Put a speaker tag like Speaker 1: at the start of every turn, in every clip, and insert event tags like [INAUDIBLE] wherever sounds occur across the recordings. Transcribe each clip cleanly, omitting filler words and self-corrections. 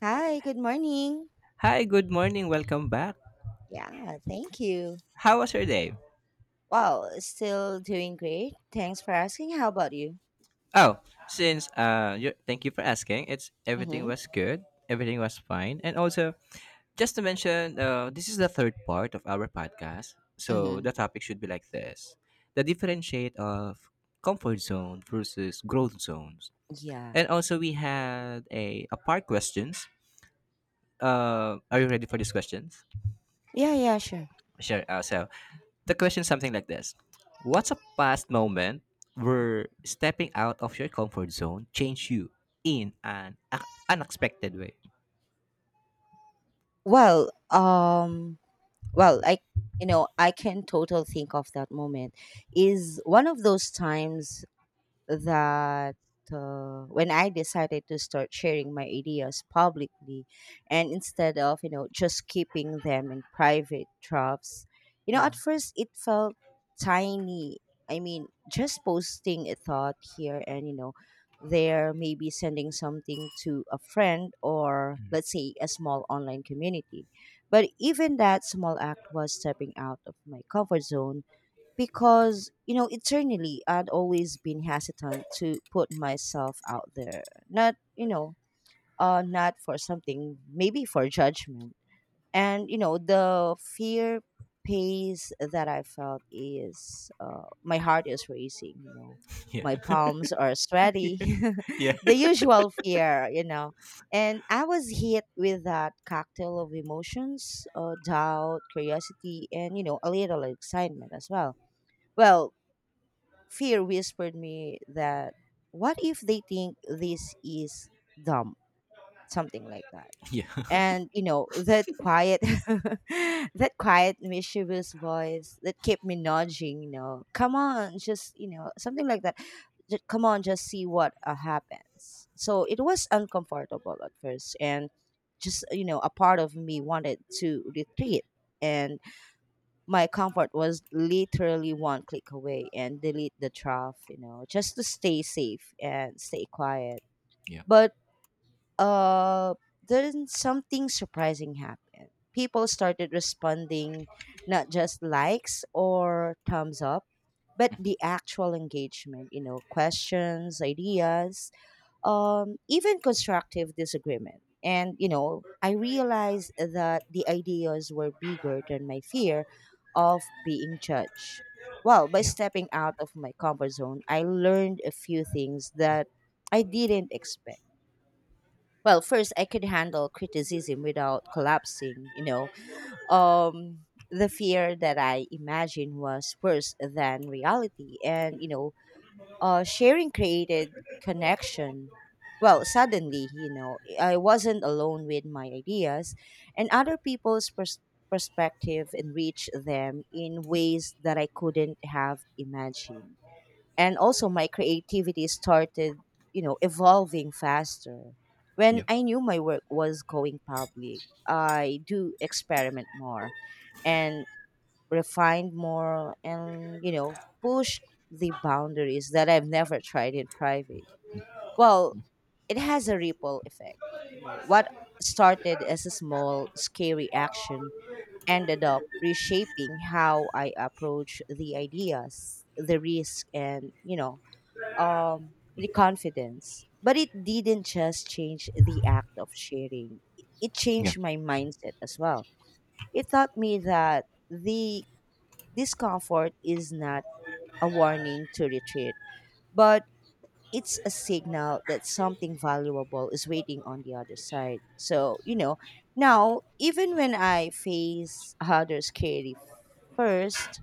Speaker 1: Hi, good morning.
Speaker 2: Hi, good morning. Welcome back.
Speaker 1: Yeah, thank you.
Speaker 2: How was your day?
Speaker 1: Well, still doing great. Thanks for asking. How about you?
Speaker 2: Oh, since you thank you for asking. It's Everything
Speaker 1: Mm-hmm.
Speaker 2: was good. Everything was fine. And also, just to mention, this is the third part of our podcast. So
Speaker 1: Mm-hmm.
Speaker 2: the topic should be like this: the differentiate of comfort zone versus growth zones.
Speaker 1: Yeah.
Speaker 2: And also, we had a part questions. Are you ready for these questions?
Speaker 1: Yeah, yeah, sure.
Speaker 2: Sure. So the question is something like this: what's a past moment where stepping out of your comfort zone changed you in an unexpected way?
Speaker 1: Well, well, I, I can total think of that moment is one of those times that when I decided to start sharing my ideas publicly, and instead of, just keeping them in private drafts, at
Speaker 2: Mm,
Speaker 1: first it felt tiny. I mean, just posting a thought here and, there, maybe sending something to a friend, or let's say a small online community. But even that small act was stepping out of my comfort zone, because eternally I'd always been hesitant to put myself out there, not you know not for something, maybe for judgment. And the fear pace that I felt is, my heart is racing,
Speaker 2: Yeah.
Speaker 1: my palms are
Speaker 2: [LAUGHS]
Speaker 1: sweaty.
Speaker 2: yeah.
Speaker 1: [LAUGHS]
Speaker 2: Yeah.
Speaker 1: The usual fear, and I was hit with that cocktail of emotions, doubt, curiosity, and a little excitement as well. Well, fear whispered me that, what if they think this is dumb, something like that.
Speaker 2: Yeah.
Speaker 1: And that quiet [LAUGHS] that quiet mischievous voice that kept me nudging, come on, just something like that. " Come on, just see what happens." So it was uncomfortable at first, and just you know a part of me wanted to retreat, and my comfort was literally one click away, and delete the trough, just to stay safe and stay quiet.
Speaker 2: Yeah.
Speaker 1: But uh, then something surprising happened. People started responding, not just likes or thumbs up, but the actual engagement, questions, ideas, even constructive disagreement. And, I realized that the ideas were bigger than my fear of being judged. Well, by stepping out of my comfort zone, I learned a few things that I didn't expect. Well, first, I could handle criticism without collapsing, The fear that I imagined was worse than reality. And, sharing created connection. Well, suddenly, I wasn't alone with my ideas, and other people's perspective enriched them in ways that I couldn't have imagined. And also, my creativity started, evolving faster. When
Speaker 2: Yeah.
Speaker 1: I knew my work was going public, I do experiment more and refined more, and, push the boundaries that I've never tried in private. Well, it has a ripple effect. What started as a small, scary action ended up reshaping how I approach the ideas, the risk, and, the confidence. But it didn't just change the act of sharing, it
Speaker 2: Yeah.
Speaker 1: changed my mindset as well. It taught me that the Discomfort is not a warning to retreat, but it's a signal that something valuable is waiting on the other side. So, now, even when I face other scary first,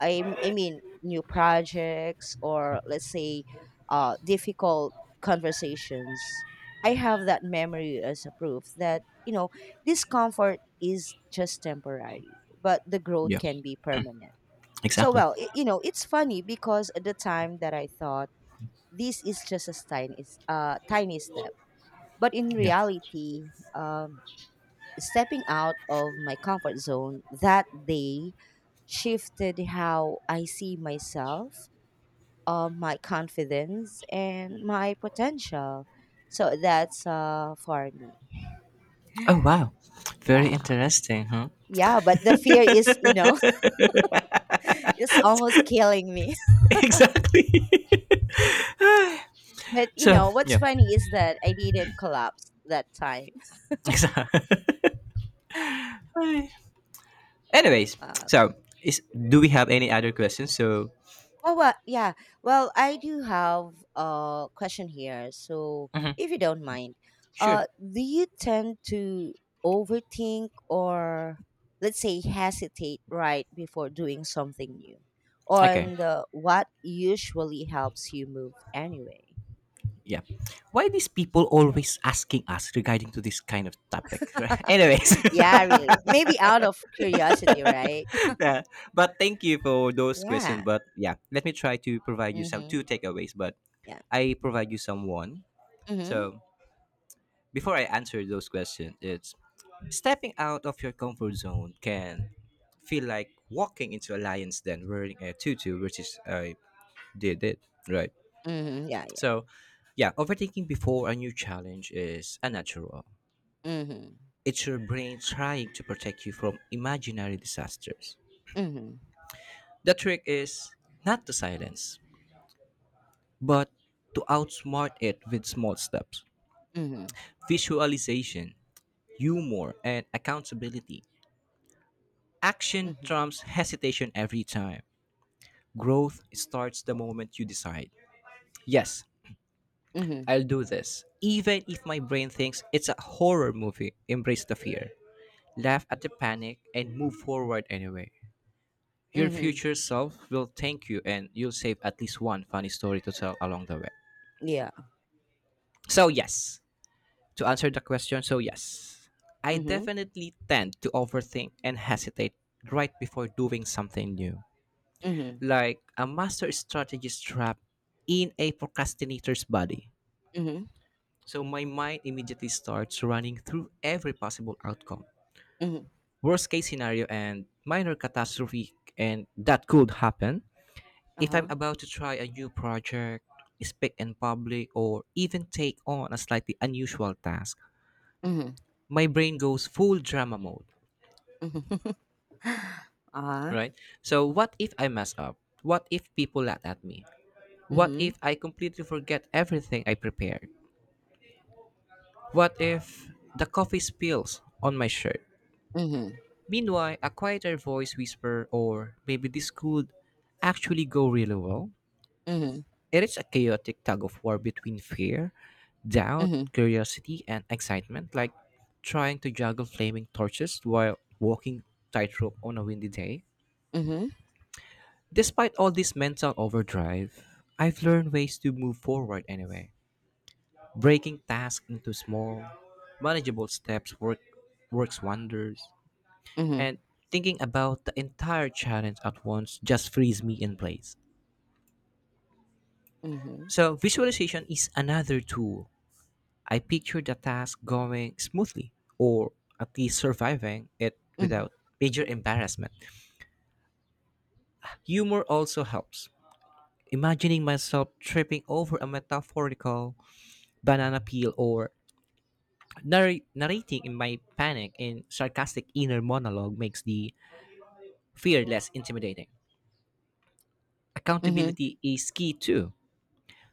Speaker 1: I mean, new projects, or let's say, difficult conversations, I have that memory as a proof that, discomfort is just temporary, but the growth
Speaker 2: Yeah.
Speaker 1: can be permanent. So
Speaker 2: Exactly.
Speaker 1: well, it's funny because at the time that I thought this is just a tiny step, but in
Speaker 2: Yeah.
Speaker 1: reality, um, stepping out of my comfort zone that day shifted how I see myself, my confidence, and my potential. So that's for me.
Speaker 2: Oh, wow. Very
Speaker 1: Yeah,
Speaker 2: interesting, huh?
Speaker 1: yeah. But the fear is, [LAUGHS] it's almost killing me. [LAUGHS]
Speaker 2: [LAUGHS] exactly. [LAUGHS]
Speaker 1: But
Speaker 2: so
Speaker 1: what's
Speaker 2: yeah. [LAUGHS]
Speaker 1: funny is that I didn't collapse that time.
Speaker 2: Exactly. Anyways,
Speaker 1: Uh,
Speaker 2: so is do we have any other questions? So
Speaker 1: well, yeah. Well, I do have a question here. So,
Speaker 2: mhm.
Speaker 1: if you don't mind,
Speaker 2: Sure.
Speaker 1: do you tend to overthink, or, let's say, hesitate right before doing something new?
Speaker 2: Okay.
Speaker 1: On the what usually helps you move anyway?
Speaker 2: Yeah, why these people always asking us regarding to this kind of topic? [LAUGHS] Right? Anyways,
Speaker 1: [LAUGHS] Yeah, really. Maybe out of curiosity, right?
Speaker 2: [LAUGHS]
Speaker 1: [LAUGHS]
Speaker 2: yeah. But thank you for those questions,
Speaker 1: Yeah.
Speaker 2: but yeah, let me try to provide you some
Speaker 1: Mm-hmm.
Speaker 2: two takeaways, but
Speaker 1: Yeah.
Speaker 2: I provide you some one.
Speaker 1: Mm-hmm.
Speaker 2: So before I answer those questions, it's stepping out of your comfort zone can feel like walking into a lion's den wearing a tutu, which is I did it, right?
Speaker 1: Mm-hmm. Yeah. Yeah.
Speaker 2: So yeah, overthinking before a new challenge is unnatural.
Speaker 1: Mm-hmm.
Speaker 2: It's your brain trying to protect you from imaginary disasters.
Speaker 1: Mm-hmm.
Speaker 2: The trick is not to silence, but to outsmart it with small steps.
Speaker 1: Mm-hmm.
Speaker 2: Visualization, humor, and accountability. Action
Speaker 1: Mm-hmm.
Speaker 2: trumps hesitation every time. Growth starts the moment you decide. Yes,
Speaker 1: Mm-hmm.
Speaker 2: I'll do this. Even if my brain thinks it's a horror movie, embrace the fear. Laugh at the panic and move forward anyway. Your
Speaker 1: Mm-hmm.
Speaker 2: future self will thank you and you'll save at least one funny story to tell along the way.
Speaker 1: Yeah.
Speaker 2: So, yes, to answer the question, so yes, I
Speaker 1: Mhm.
Speaker 2: definitely tend to overthink and hesitate right before doing something new.
Speaker 1: Mhm.
Speaker 2: Like a master strategist trapped in a procrastinator's body.
Speaker 1: Mhm.
Speaker 2: So, my mind immediately starts running through every possible outcome,
Speaker 1: Mhm.
Speaker 2: worst case scenario and minor catastrophe and that could happen. If
Speaker 1: Uh-huh.
Speaker 2: I'm about to try a new project, speak in public, or even take on a slightly unusual task,
Speaker 1: Mhm.
Speaker 2: my brain goes full drama mode,
Speaker 1: Mhm. [LAUGHS] Uh-huh.
Speaker 2: right? So, what if I mess up? What if people laugh at me? What
Speaker 1: Mhm.
Speaker 2: if I completely forget everything I prepared? What if the coffee spills on my shirt?
Speaker 1: Mhm.
Speaker 2: Meanwhile, a quieter voice whisper, or maybe this could actually go really well.
Speaker 1: Mhm.
Speaker 2: It is a chaotic tug of war between fear, doubt,
Speaker 1: Mhm.
Speaker 2: curiosity, and excitement, like trying to juggle flaming torches while walking tightrope on a windy day.
Speaker 1: Mhm.
Speaker 2: Despite all this mental overdrive, I've learned ways to move forward anyway. Breaking tasks into small, manageable steps works wonders,
Speaker 1: Mhm.
Speaker 2: and thinking about the entire challenge at once just frees me in place.
Speaker 1: Mhm.
Speaker 2: So, visualization is another tool. I pictured the task going smoothly, or at least surviving it
Speaker 1: Mhm.
Speaker 2: without major embarrassment. Humor also helps. Imagining myself tripping over a metaphorical banana peel or narrating in my panic and sarcastic inner monologue makes the fear less intimidating.
Speaker 1: Mhm.
Speaker 2: Accountability is key too.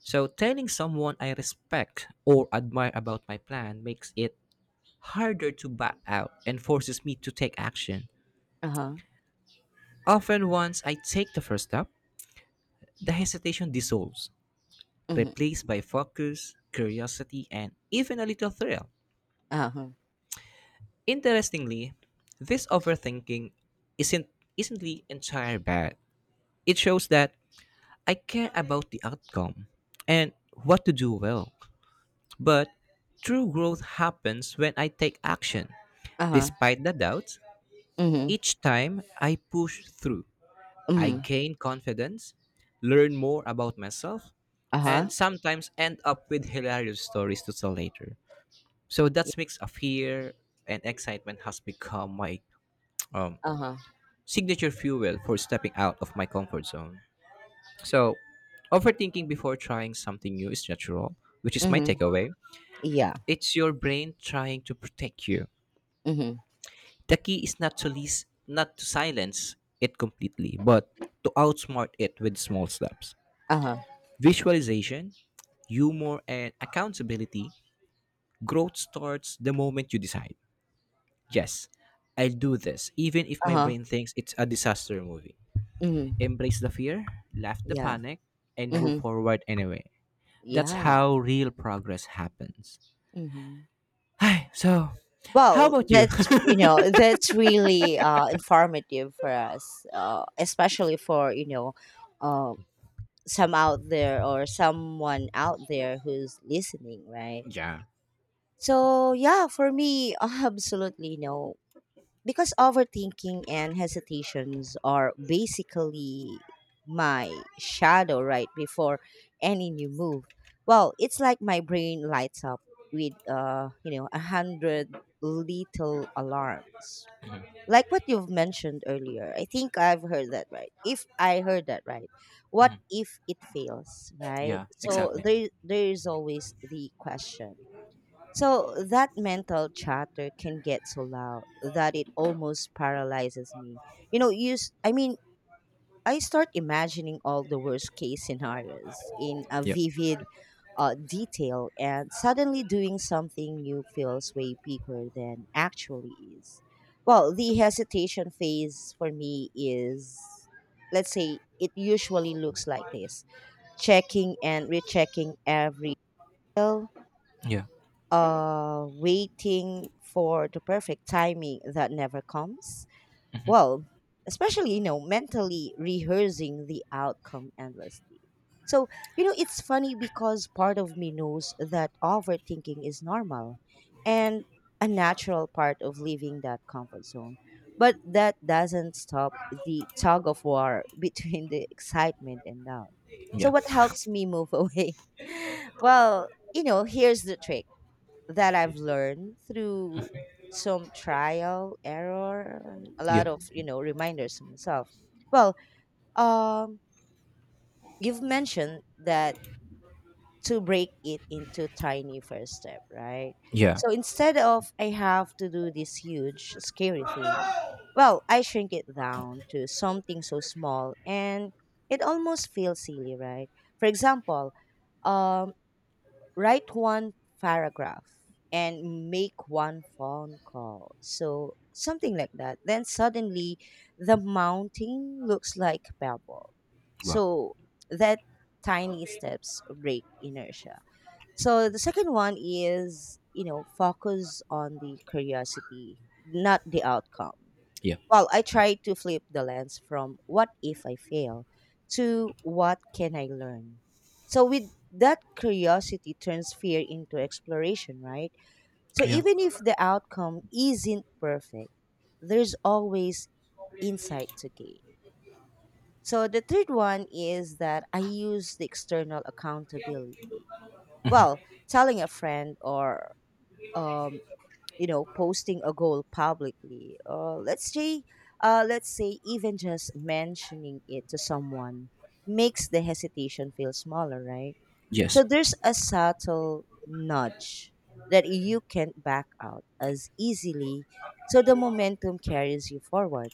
Speaker 2: So, telling someone I respect or admire about my plan makes it harder to back out and forces me to take action.
Speaker 1: Uh-huh.
Speaker 2: Often, once I take the first step, the hesitation dissolves,
Speaker 1: Mhm.
Speaker 2: replaced by focus, curiosity, and even a little thrill.
Speaker 1: Uh-huh.
Speaker 2: Interestingly, this overthinking isn't isn't the entire bad. It shows that I care about the outcome and what to do well. But true growth happens when I take action.
Speaker 1: Uh-huh.
Speaker 2: Despite the doubts,
Speaker 1: Mhm.
Speaker 2: each time I push through. I
Speaker 1: Mhm.
Speaker 2: gain confidence, learn more about myself,
Speaker 1: Uh-huh.
Speaker 2: and sometimes end up with hilarious stories to tell later. So
Speaker 1: Yeah.
Speaker 2: that mix of fear and excitement has become my um,
Speaker 1: Uh-huh.
Speaker 2: signature fuel for stepping out of my comfort zone. So, overthinking before trying something new is natural, which is my
Speaker 1: Mhm.
Speaker 2: takeaway.
Speaker 1: Yeah.
Speaker 2: It's your brain trying to protect you.
Speaker 1: Mhm.
Speaker 2: The key is not to lease, not to silence it completely, but to outsmart it with small steps.
Speaker 1: Uh-huh.
Speaker 2: Visualization, humor, and accountability, growth starts the moment you decide. Yes, I'll do this, even if my
Speaker 1: Uh-huh.
Speaker 2: brain thinks it's a disaster movie.
Speaker 1: Mhm.
Speaker 2: Embrace the fear, laugh the
Speaker 1: Yeah.
Speaker 2: panic, and move
Speaker 1: Mhm.
Speaker 2: forward anyway. That's
Speaker 1: Yeah.
Speaker 2: how real progress happens.
Speaker 1: Mhm.
Speaker 2: Hi, so how
Speaker 1: Well,
Speaker 2: about you?
Speaker 1: that's you know that's really informative for us, especially for uh, some out there, or someone out there who's listening, right?
Speaker 2: [LAUGHS] yeah,
Speaker 1: So, yeah, for me, [LAUGHS] absolutely no. Because overthinking and hesitations are basically my shadow right before any new move. Well, it's like my brain lights up with a hundred little alarms, like what you've mentioned earlier. I think I've heard that right, if I heard that right. What if it fails, right?
Speaker 2: yeah,
Speaker 1: So
Speaker 2: exactly.
Speaker 1: there is always the question. So that mental chatter can get so loud that it almost paralyzes me. You know use I mean, I start imagining all the worst case scenarios in a
Speaker 2: Yeah,
Speaker 1: vivid, detail, and suddenly doing something new feels way bigger than actually is. Well, the hesitation phase for me is, let's say, it usually looks like this: checking and rechecking every detail,
Speaker 2: yeah,
Speaker 1: waiting for the perfect timing that never comes. Well, especially, mentally rehearsing the outcome endlessly. So, it's funny because part of me knows that overthinking is normal and a natural part of leaving that comfort zone. But that doesn't stop the tug of war [LAUGHS] between the excitement and doubt. So,
Speaker 2: yeah,
Speaker 1: what helps me move away? [LAUGHS] Well, here's the trick that I've learned through some trial, error, and a
Speaker 2: yeah,
Speaker 1: lot of, reminders to myself. Well, um, you've mentioned that, to break it into tiny first step, right?
Speaker 2: yeah.
Speaker 1: So instead of, I have to do this huge, scary thing, well, I shrink it down to something so small, and it almost feels silly, right? For example, um, write one paragraph and make one phone call. So something like that. Then suddenly the mountain looks like a pebble.
Speaker 2: Wow.
Speaker 1: So that tiny steps break inertia. So the second one is, focus on the curiosity, not the outcome.
Speaker 2: Yeah,
Speaker 1: Well, I try to flip the lens from, what if I fail, to, what can I learn. So, with that, curiosity turns fear into exploration, right? So,
Speaker 2: yeah,
Speaker 1: even if the outcome isn't perfect, there's always insight to gain. So, the third one is that I use the external accountability. Well, telling a friend, or um, posting a goal publicly, let's say, even just mentioning it to someone, makes the hesitation feel smaller, right?
Speaker 2: yes,
Speaker 1: So there's a subtle nudge that you can't back out as easily, so the momentum carries you forward.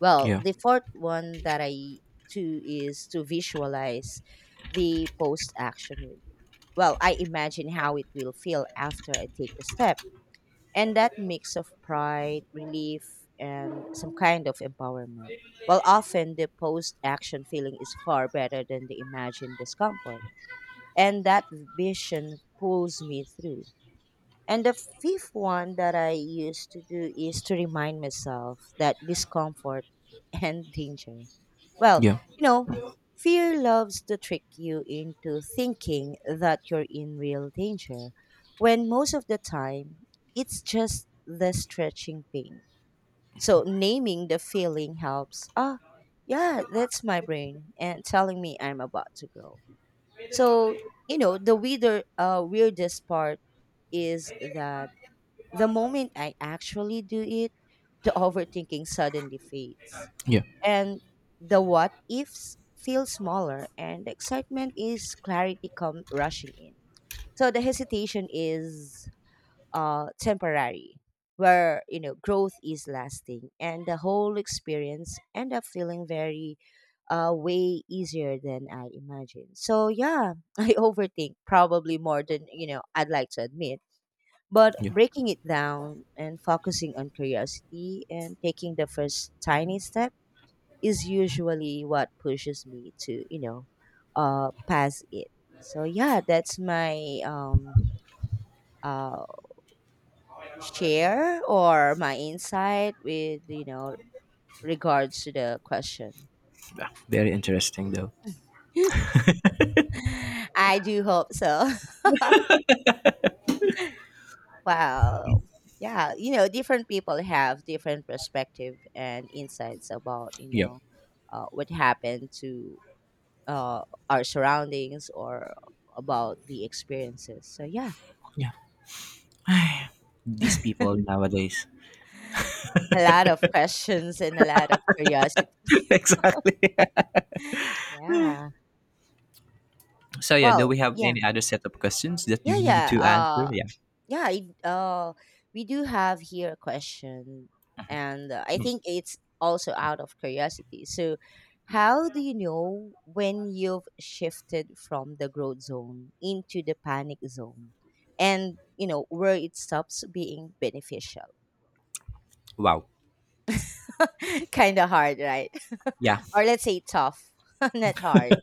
Speaker 1: Well,
Speaker 2: yeah,
Speaker 1: the fourth one that I do is to visualize the post action. Well, I imagine how it will feel after I take the step, and that mix of pride, relief, and some kind of empowerment. While often the post action feeling is far better than the imagined discomfort. And that vision pulls me through. And the fifth one that I used to do is to remind myself that discomfort [LAUGHS] and danger. Well,
Speaker 2: yeah,
Speaker 1: you know, fear loves to trick you into thinking that you're in real danger, when most of the time it's just the stretching pain. So naming the feeling helps. Ah, yeah, that's my brain and telling me I'm about to grow. So, the weirdest part is that the moment I actually do it, the overthinking suddenly fades.
Speaker 2: yeah,
Speaker 1: And the what ifs feel smaller, and the excitement is clarity come rushing in. So the hesitation is, temporary, where growth is lasting, and the whole experience end up feeling very, way easier than I imagined. So yeah, [LAUGHS] I overthink probably more than I'd like to admit, but
Speaker 2: yeah.
Speaker 1: breaking it down and focusing on curiosity and taking the first tiny step is usually what pushes me to, pass it. So yeah, that's my uh share, or my insight with, regards to the question.
Speaker 2: Very interesting, though.
Speaker 1: [LAUGHS] I do hope so. [LAUGHS] Wow. Yeah, different people have different perspective and insights about,
Speaker 2: Yep.
Speaker 1: what happened to, uh, our surroundings, or about the experiences. So yeah,
Speaker 2: Yeah. [SIGHS] These people nowadays.
Speaker 1: a lot of questions and a lot of curiosity.
Speaker 2: [LAUGHS] exactly. [LAUGHS]
Speaker 1: [LAUGHS] yeah.
Speaker 2: So, yeah, do
Speaker 1: Well,
Speaker 2: we have
Speaker 1: yeah.
Speaker 2: any other set of questions that
Speaker 1: Yeah,
Speaker 2: you need
Speaker 1: yeah.
Speaker 2: to answer?
Speaker 1: Uh
Speaker 2: Yeah.
Speaker 1: yeah we do have here a question, and I think it's also out of curiosity. So how do you know when you've shifted from the growth zone into the panic zone, and where it stops being beneficial?
Speaker 2: Wow.
Speaker 1: [LAUGHS] Kind of hard, right?
Speaker 2: Yeah.
Speaker 1: [LAUGHS] Or let's say, tough, [LAUGHS] not hard.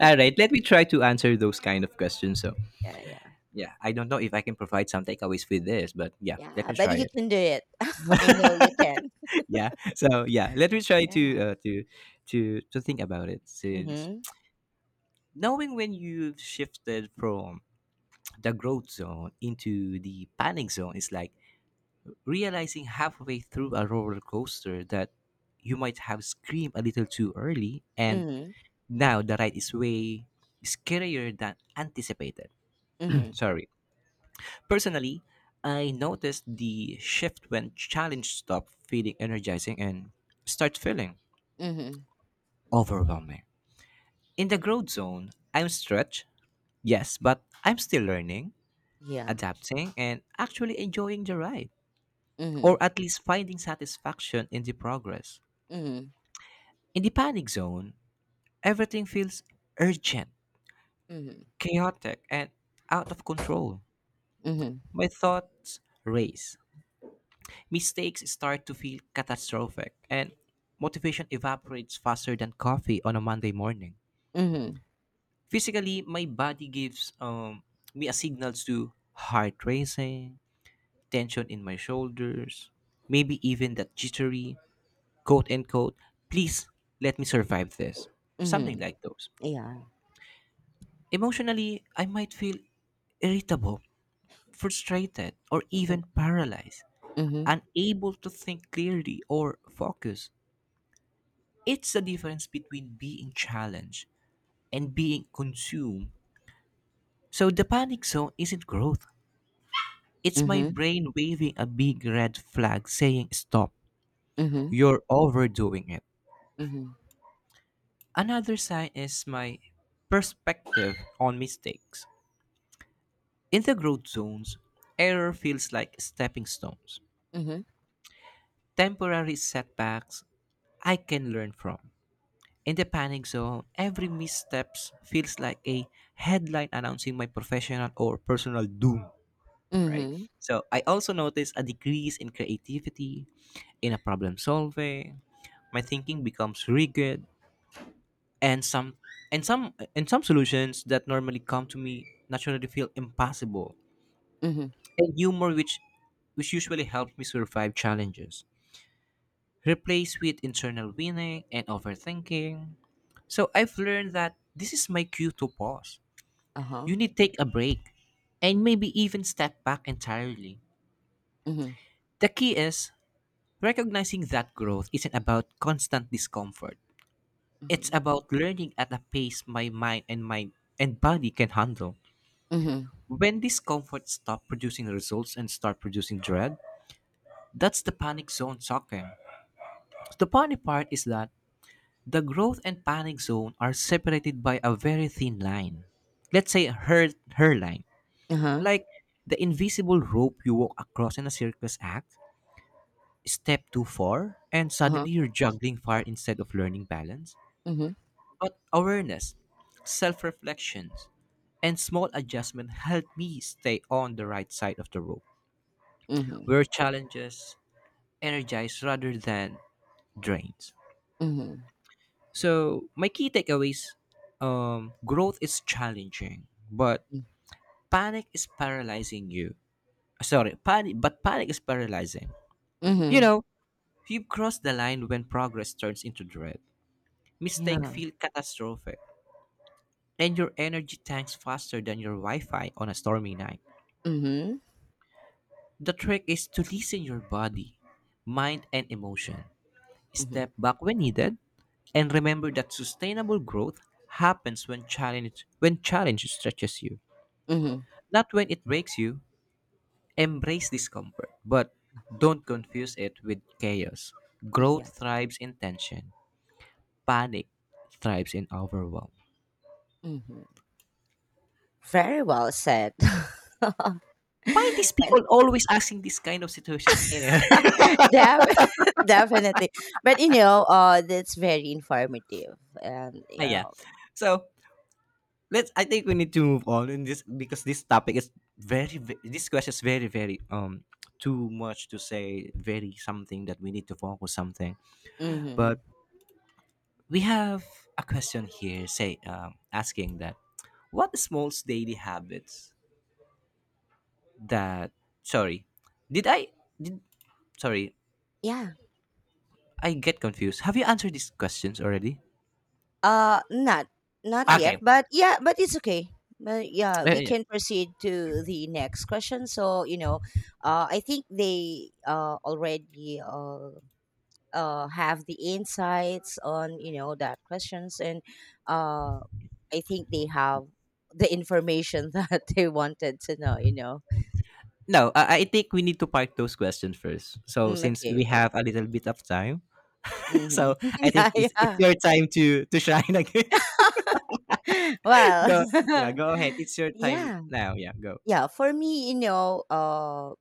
Speaker 2: All right. Let me try to answer those kind of questions. So,
Speaker 1: Yeah, yeah,
Speaker 2: yeah. I don't know if I can provide some takeaways with this, but yeah, let
Speaker 1: yeah,
Speaker 2: me
Speaker 1: but you
Speaker 2: try it.
Speaker 1: can do it. [LAUGHS] I know you
Speaker 2: [LAUGHS]
Speaker 1: can.
Speaker 2: yeah. So yeah. Let me try to
Speaker 1: Yeah.
Speaker 2: think about it. Since
Speaker 1: Mm-hmm.
Speaker 2: knowing when you've shifted from the growth zone into the panic zone is like realizing halfway through a roller coaster that you might have screamed a little too early and
Speaker 1: Mm-hmm.
Speaker 2: now the ride is way scarier than anticipated. [CLEARS THROAT]
Speaker 1: Mm-hmm.
Speaker 2: Sorry. Personally, I noticed the shift when challenge stopped feeling energizing and start feeling
Speaker 1: Mm-hmm.
Speaker 2: overwhelming. In the growth zone, I'm stretched, yes, but I'm still learning,
Speaker 1: Yeah.
Speaker 2: adapting, and actually enjoying the ride,
Speaker 1: Mm-hmm.
Speaker 2: or at least finding satisfaction in the progress.
Speaker 1: Mhm,
Speaker 2: In the panic zone, everything feels urgent,
Speaker 1: mhm,
Speaker 2: chaotic, and out of control.
Speaker 1: mhm,
Speaker 2: My thoughts race. Mistakes start to feel catastrophic, and motivation evaporates faster than coffee on a Monday morning.
Speaker 1: mhm,
Speaker 2: Physically, my body gives me a signal to heart racing, tension in my shoulders, maybe even that jittery, quote unquote, please let me survive this. Something
Speaker 1: mhm,
Speaker 2: like those.
Speaker 1: yeah,
Speaker 2: Emotionally, I might feel irritable, frustrated, or even
Speaker 1: mhm,
Speaker 2: paralyzed,
Speaker 1: mhm,
Speaker 2: unable to think clearly or focus. It's the difference between being challenged and being consumed. So the panic zone isn't growth. It's my
Speaker 1: mhm,
Speaker 2: brain waving a big red flag saying, stop,
Speaker 1: mhm,
Speaker 2: you're overdoing it.
Speaker 1: mhm,
Speaker 2: Another sign is my perspective on mistakes. In the growth zones, error feels like stepping stones,
Speaker 1: mhm,
Speaker 2: temporary setbacks I can learn from. In the panic zone, every misstep feels like a headline announcing my professional or personal doom, right?
Speaker 1: mhm,
Speaker 2: So I also notice a decrease in creativity, in a problem solving. My thinking becomes rigid and some solutions that normally come to me naturally feel impossible.
Speaker 1: mhm,
Speaker 2: And humor which usually helps me survive challenges. Replaced with internal winning and overthinking. So I've learned that this is my cue to pause.
Speaker 1: uh-huh,
Speaker 2: You need to take a break and maybe even step back entirely.
Speaker 1: mhm,
Speaker 2: The key is recognizing that growth isn't about constant discomfort. It's
Speaker 1: mhm,
Speaker 2: about learning at a pace my mind and body can handle.
Speaker 1: mhm,
Speaker 2: When discomfort stops producing results and start producing dread, that's the panic zone talking. The funny part is that the growth and panic zone are separated by a very thin line. Let's say her line,
Speaker 1: uh-huh,
Speaker 2: like the invisible rope you walk across in a circus act, step too far, and
Speaker 1: uh-huh,
Speaker 2: suddenly you're juggling fire instead of learning balance.
Speaker 1: mhm,
Speaker 2: But awareness, self reflections, and small adjustment help me stay on the right side of the rope,
Speaker 1: mhm,
Speaker 2: where challenges energize rather than drains.
Speaker 1: mhm.
Speaker 2: So my key takeaways: growth is challenging, but
Speaker 1: Hmm.
Speaker 2: panic is paralyzing you. Sorry, panic, but panic is paralyzing. You
Speaker 1: Mhm,
Speaker 2: know, you've crossed the line when progress turns into dread. Mistakes
Speaker 1: yeah,
Speaker 2: feel catastrophic, and your energy tanks faster than your Wi Fi on a stormy night.
Speaker 1: mhm,
Speaker 2: The trick is to listen your body, mind, and emotion.
Speaker 1: mhm,
Speaker 2: Step back when needed, and remember that sustainable growth happens when challenge stretches you,
Speaker 1: mhm,
Speaker 2: not when it breaks you. Embrace discomfort, but don't confuse it with chaos.
Speaker 1: yeah,
Speaker 2: Growth thrives in tension. Panic thrives in overwhelm.
Speaker 1: mhm. Very well said. [LAUGHS]
Speaker 2: Why these
Speaker 1: And
Speaker 2: people always asking this kind of situation? Anyway, [LAUGHS]
Speaker 1: def- [LAUGHS] definitely. But that's very informative. And,
Speaker 2: ah,
Speaker 1: you
Speaker 2: yeah.
Speaker 1: know,
Speaker 2: So let's. I think we need to move on in this because this topic is This question is very very too much to say. Very something that we need to focus something. But
Speaker 1: Mhm.
Speaker 2: we have a question here. Say asking that what small daily habits that sorry did I did sorry
Speaker 1: Yeah.
Speaker 2: I get confused. Have you answered these questions already?
Speaker 1: Not not yet,
Speaker 2: Okay.
Speaker 1: but yeah, but it's okay. But yeah,
Speaker 2: Yeah, yeah,
Speaker 1: we
Speaker 2: yeah.
Speaker 1: can proceed to the next question. I think they already have the insights on that questions, and uh, I think they have the information [LAUGHS] that they wanted to know.
Speaker 2: No, I think we need to park those questions first. So since
Speaker 1: Okay,
Speaker 2: we
Speaker 1: okay,
Speaker 2: have a little bit of time, [LAUGHS] so
Speaker 1: mm-hmm.
Speaker 2: I think
Speaker 1: [LAUGHS] Yeah,
Speaker 2: it's
Speaker 1: yeah.
Speaker 2: your time to shine [LAUGHS] again.
Speaker 1: [LAUGHS] Well,
Speaker 2: Go, yeah,
Speaker 1: [LAUGHS]
Speaker 2: go ahead. It's your time
Speaker 1: yeah,
Speaker 2: now. Yeah, go.
Speaker 1: yeah. For me, you know.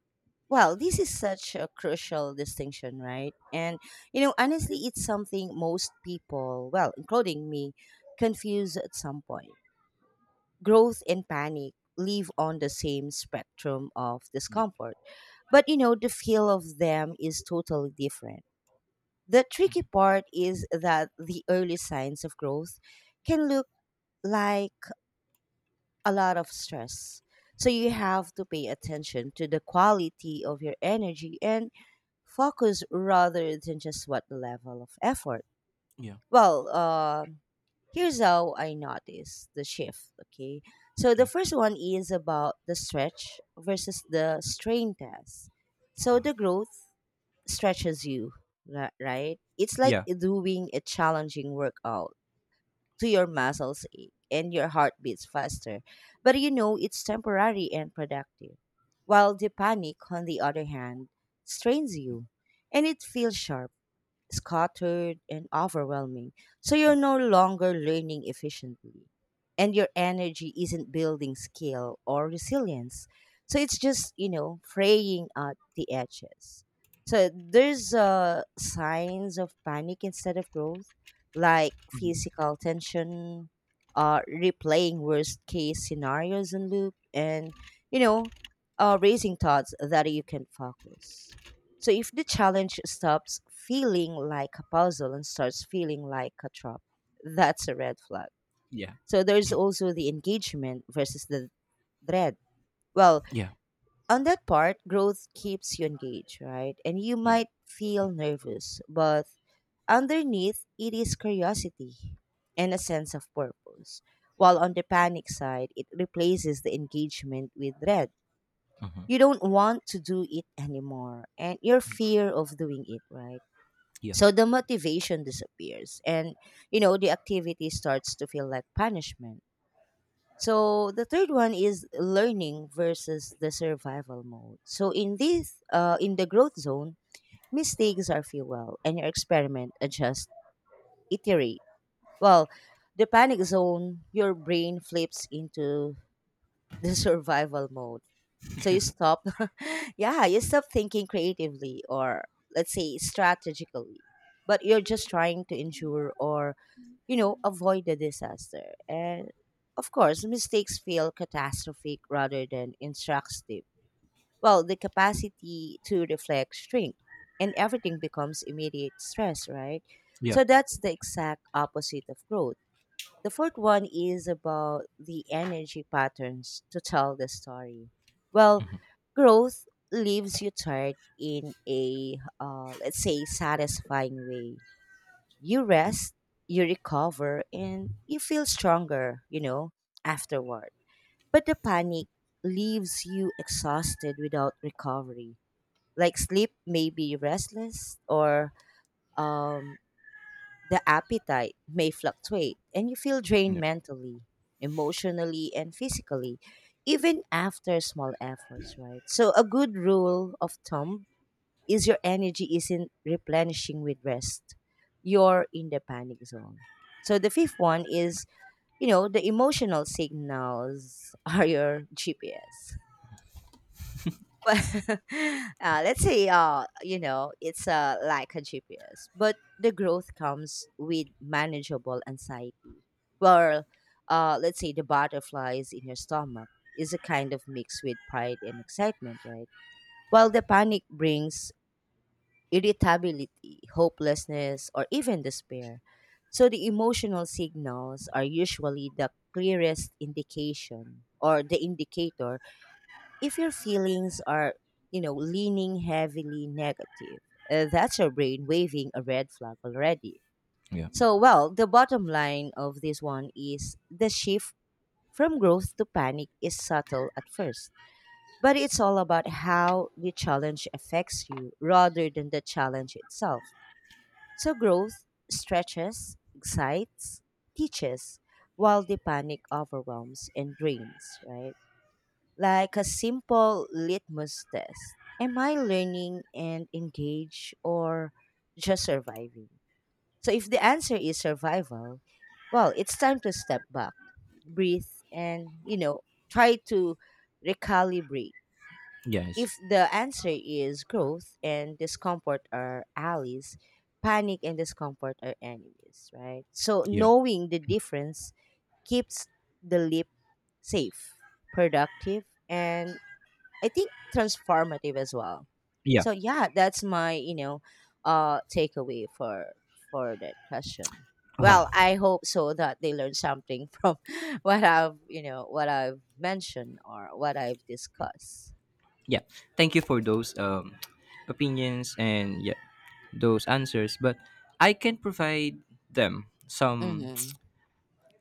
Speaker 1: Well, this is such a crucial distinction, right? Honestly, it's something most people, well, including me, confuse at some point. Growth and panic live on the same spectrum of
Speaker 2: Yeah.
Speaker 1: discomfort, but, the feel of them is totally different. The tricky part is that the early signs of growth can look like a lot of stress. So you have to pay attention to the quality of your energy and focus rather than just what level of effort.
Speaker 2: Yeah.
Speaker 1: Well, uh, here's how I notice the shift. Okay, so the
Speaker 2: Yeah.
Speaker 1: first one is about the stretch versus the strain test. So the growth stretches you, right? It's like
Speaker 2: Yeah,
Speaker 1: doing a challenging workout to your muscles ache and your heart beats faster, but you know it's temporary and productive. While the panic, on the other hand, strains you and it feels sharp scattered and overwhelming. So
Speaker 2: yeah.
Speaker 1: you're no longer learning efficiently. And your energy isn't building skill or resilience. So it's just, fraying at the edges. So there's signs of panic instead of growth, like
Speaker 2: Mhm,
Speaker 1: physical tension, replaying worst case scenarios in loop, you know, raising thoughts that you can focus. So if the challenge stops feeling like a puzzle and starts feeling like a trap, that's a red flag.
Speaker 2: yeah,
Speaker 1: So there's also the engagement versus the dread. Well,
Speaker 2: yeah.
Speaker 1: on that part, growth keeps you engaged, right? And you
Speaker 2: Yeah.
Speaker 1: might feel nervous, but underneath it is curiosity and a sense of purpose. While on the panic side, it replaces the engagement with dread.
Speaker 2: Uh
Speaker 1: You don't want to do it anymore, and your fear of doing it, right?
Speaker 2: yeah,
Speaker 1: So the motivation disappears and you know the activity starts to feel like punishment. So the third one is learning versus the survival mode. So in this in the growth zone, mistakes are fuel and your experiment adjust iterate. Well, the panic zone, your brain flips into the [LAUGHS] survival mode so you stop, [LAUGHS] yeah, you stop thinking creatively or let's say strategically, but you're just trying to ensure avoid the disaster. And of course, mistakes feel catastrophic rather than instructive. Well, the capacity to reflect shrinks and everything becomes immediate stress, right?
Speaker 2: yeah,
Speaker 1: So that's the exact opposite of growth. The fourth one is about the energy patterns to tell the story. Well, growth leaves you tired in a, let's say, satisfying way. You rest, you recover, and you feel stronger, afterward. But the panic leaves you exhausted without recovery. Like sleep may be restless or um, the appetite may fluctuate, and you feel drained
Speaker 2: yeah.
Speaker 1: mentally, emotionally, and physically, even after small efforts, right? So, a good rule of thumb is your energy isn't replenishing with rest. You're in the panic zone. So, the fifth one is the emotional signals [LAUGHS] are your GPS. [LAUGHS] Well, let's say you know it's like a GPS, but the growth comes with manageable anxiety. Well, let's say the butterflies in your stomach is a kind of mix with pride and excitement, right? While the panic brings irritability, hopelessness, or even despair. So the emotional signals are usually the clearest indication or the indicator if your feelings are, leaning heavily negative, that's your brain waving a red flag already.
Speaker 2: Yeah.
Speaker 1: So, well, the bottom line of this one is the shift from growth to panic is subtle at first, but it's all about how the challenge affects you rather than the challenge itself. So, growth stretches, excites, teaches, while the panic overwhelms and drains, right? Like a simple litmus test. Am I learning and engaged or just surviving? So, if the answer is survival, well, it's time to step back, breathe, try to recalibrate.
Speaker 2: Yes,
Speaker 1: If the answer is growth and discomfort are allies, panic and discomfort are enemies, right? So,
Speaker 2: yeah,
Speaker 1: knowing the difference keeps the leap safe, productive, and I think transformative as well.
Speaker 2: yeah.
Speaker 1: So yeah, that's my takeaway for that question. Well,
Speaker 2: Wow.
Speaker 1: I hope so that they learn something [LAUGHS] from what I've you know what I've mentioned or what I've discussed.
Speaker 2: Yeah. Thank you for those [TSK] opinions and yeah those answers, but I can provide them some,
Speaker 1: Mm-hmm.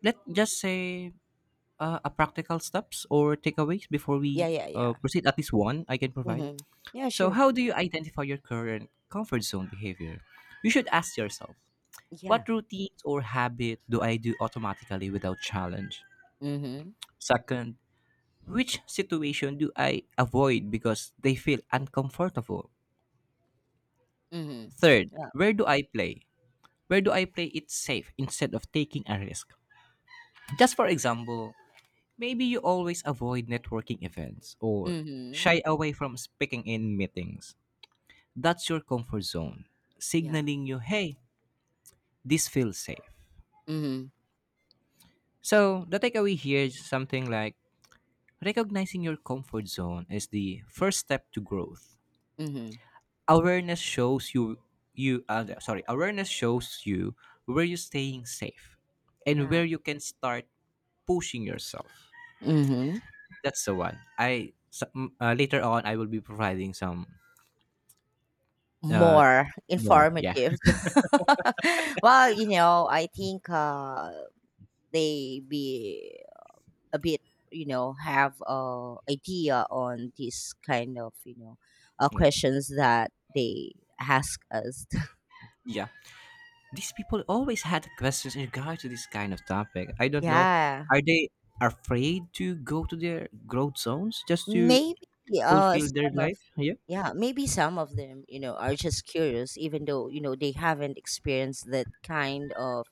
Speaker 2: let's just say, a practical steps or takeaways before
Speaker 1: Yeah,
Speaker 2: we
Speaker 1: yeah, yeah.
Speaker 2: proceed. At least one I can provide.
Speaker 1: Mm-hmm. Yeah,
Speaker 2: So
Speaker 1: sure.
Speaker 2: how do you identify your current comfort zone behavior? You should ask yourself,
Speaker 1: Yeah.
Speaker 2: what routines or habit do I do automatically without challenge?
Speaker 1: Mm-hmm.
Speaker 2: Second, which situation do I avoid because they feel uncomfortable?
Speaker 1: Mm-hmm.
Speaker 2: Third,
Speaker 1: Yeah.
Speaker 2: where do I play it safe instead of taking a risk? Just for example, maybe you always avoid networking events or
Speaker 1: Mm-hmm.
Speaker 2: shy away from speaking in meetings. That's your comfort zone,
Speaker 1: Yeah.
Speaker 2: signaling you, hey, this feels safe.
Speaker 1: Mm-hmm.
Speaker 2: So, the takeaway here is something like recognizing your comfort zone is the first step to growth.
Speaker 1: Mm-hmm.
Speaker 2: Awareness shows you awareness shows you where you're staying safe and
Speaker 1: Yeah.
Speaker 2: where you can start pushing yourself.
Speaker 1: Mm-hmm.
Speaker 2: That's the one. Later on I will be providing some uh,
Speaker 1: More
Speaker 2: what? Yeah.
Speaker 1: informative. [LAUGHS] Well, you know, I think they be a bit, have idea on this kind of,
Speaker 2: Yeah,
Speaker 1: questions that they ask us. [LAUGHS]
Speaker 2: yeah. These people always had questions in regard to this kind of topic. I don't know.
Speaker 1: Yeah,
Speaker 2: Are they afraid to go to their growth zones just to
Speaker 1: maybe
Speaker 2: fulfill their
Speaker 1: some of
Speaker 2: life? Yeah.
Speaker 1: yeah, maybe some of them, are just curious, even though you know they haven't experienced that kind of,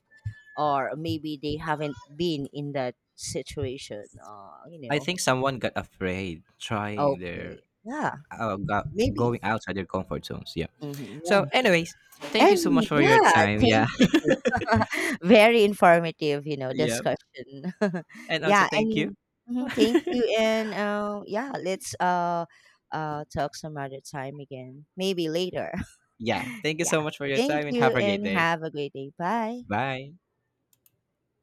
Speaker 1: or maybe they haven't been in that situation.
Speaker 2: I think someone got afraid trying their
Speaker 1: Okay. Yeah,
Speaker 2: uh, go-
Speaker 1: maybe.
Speaker 2: going outside their comfort zones. Yeah.
Speaker 1: Mhm. Yeah.
Speaker 2: So, anyways, thank you so much
Speaker 1: And
Speaker 2: for your
Speaker 1: yeah,
Speaker 2: time. Yeah.
Speaker 1: thank you too. [LAUGHS] Very informative,
Speaker 2: [LAUGHS] yeah.
Speaker 1: discussion. [LAUGHS]
Speaker 2: And also,
Speaker 1: Yeah,
Speaker 2: thank you.
Speaker 1: anyway. Mhm, thank you. And yeah, let's talk some other time again. Maybe later.
Speaker 2: Yeah.
Speaker 1: [LAUGHS]
Speaker 2: Thank you
Speaker 1: Yeah.
Speaker 2: so much for your
Speaker 1: Thank
Speaker 2: time and
Speaker 1: you
Speaker 2: have a great
Speaker 1: and
Speaker 2: day.
Speaker 1: have a great day. Bye.
Speaker 2: Bye.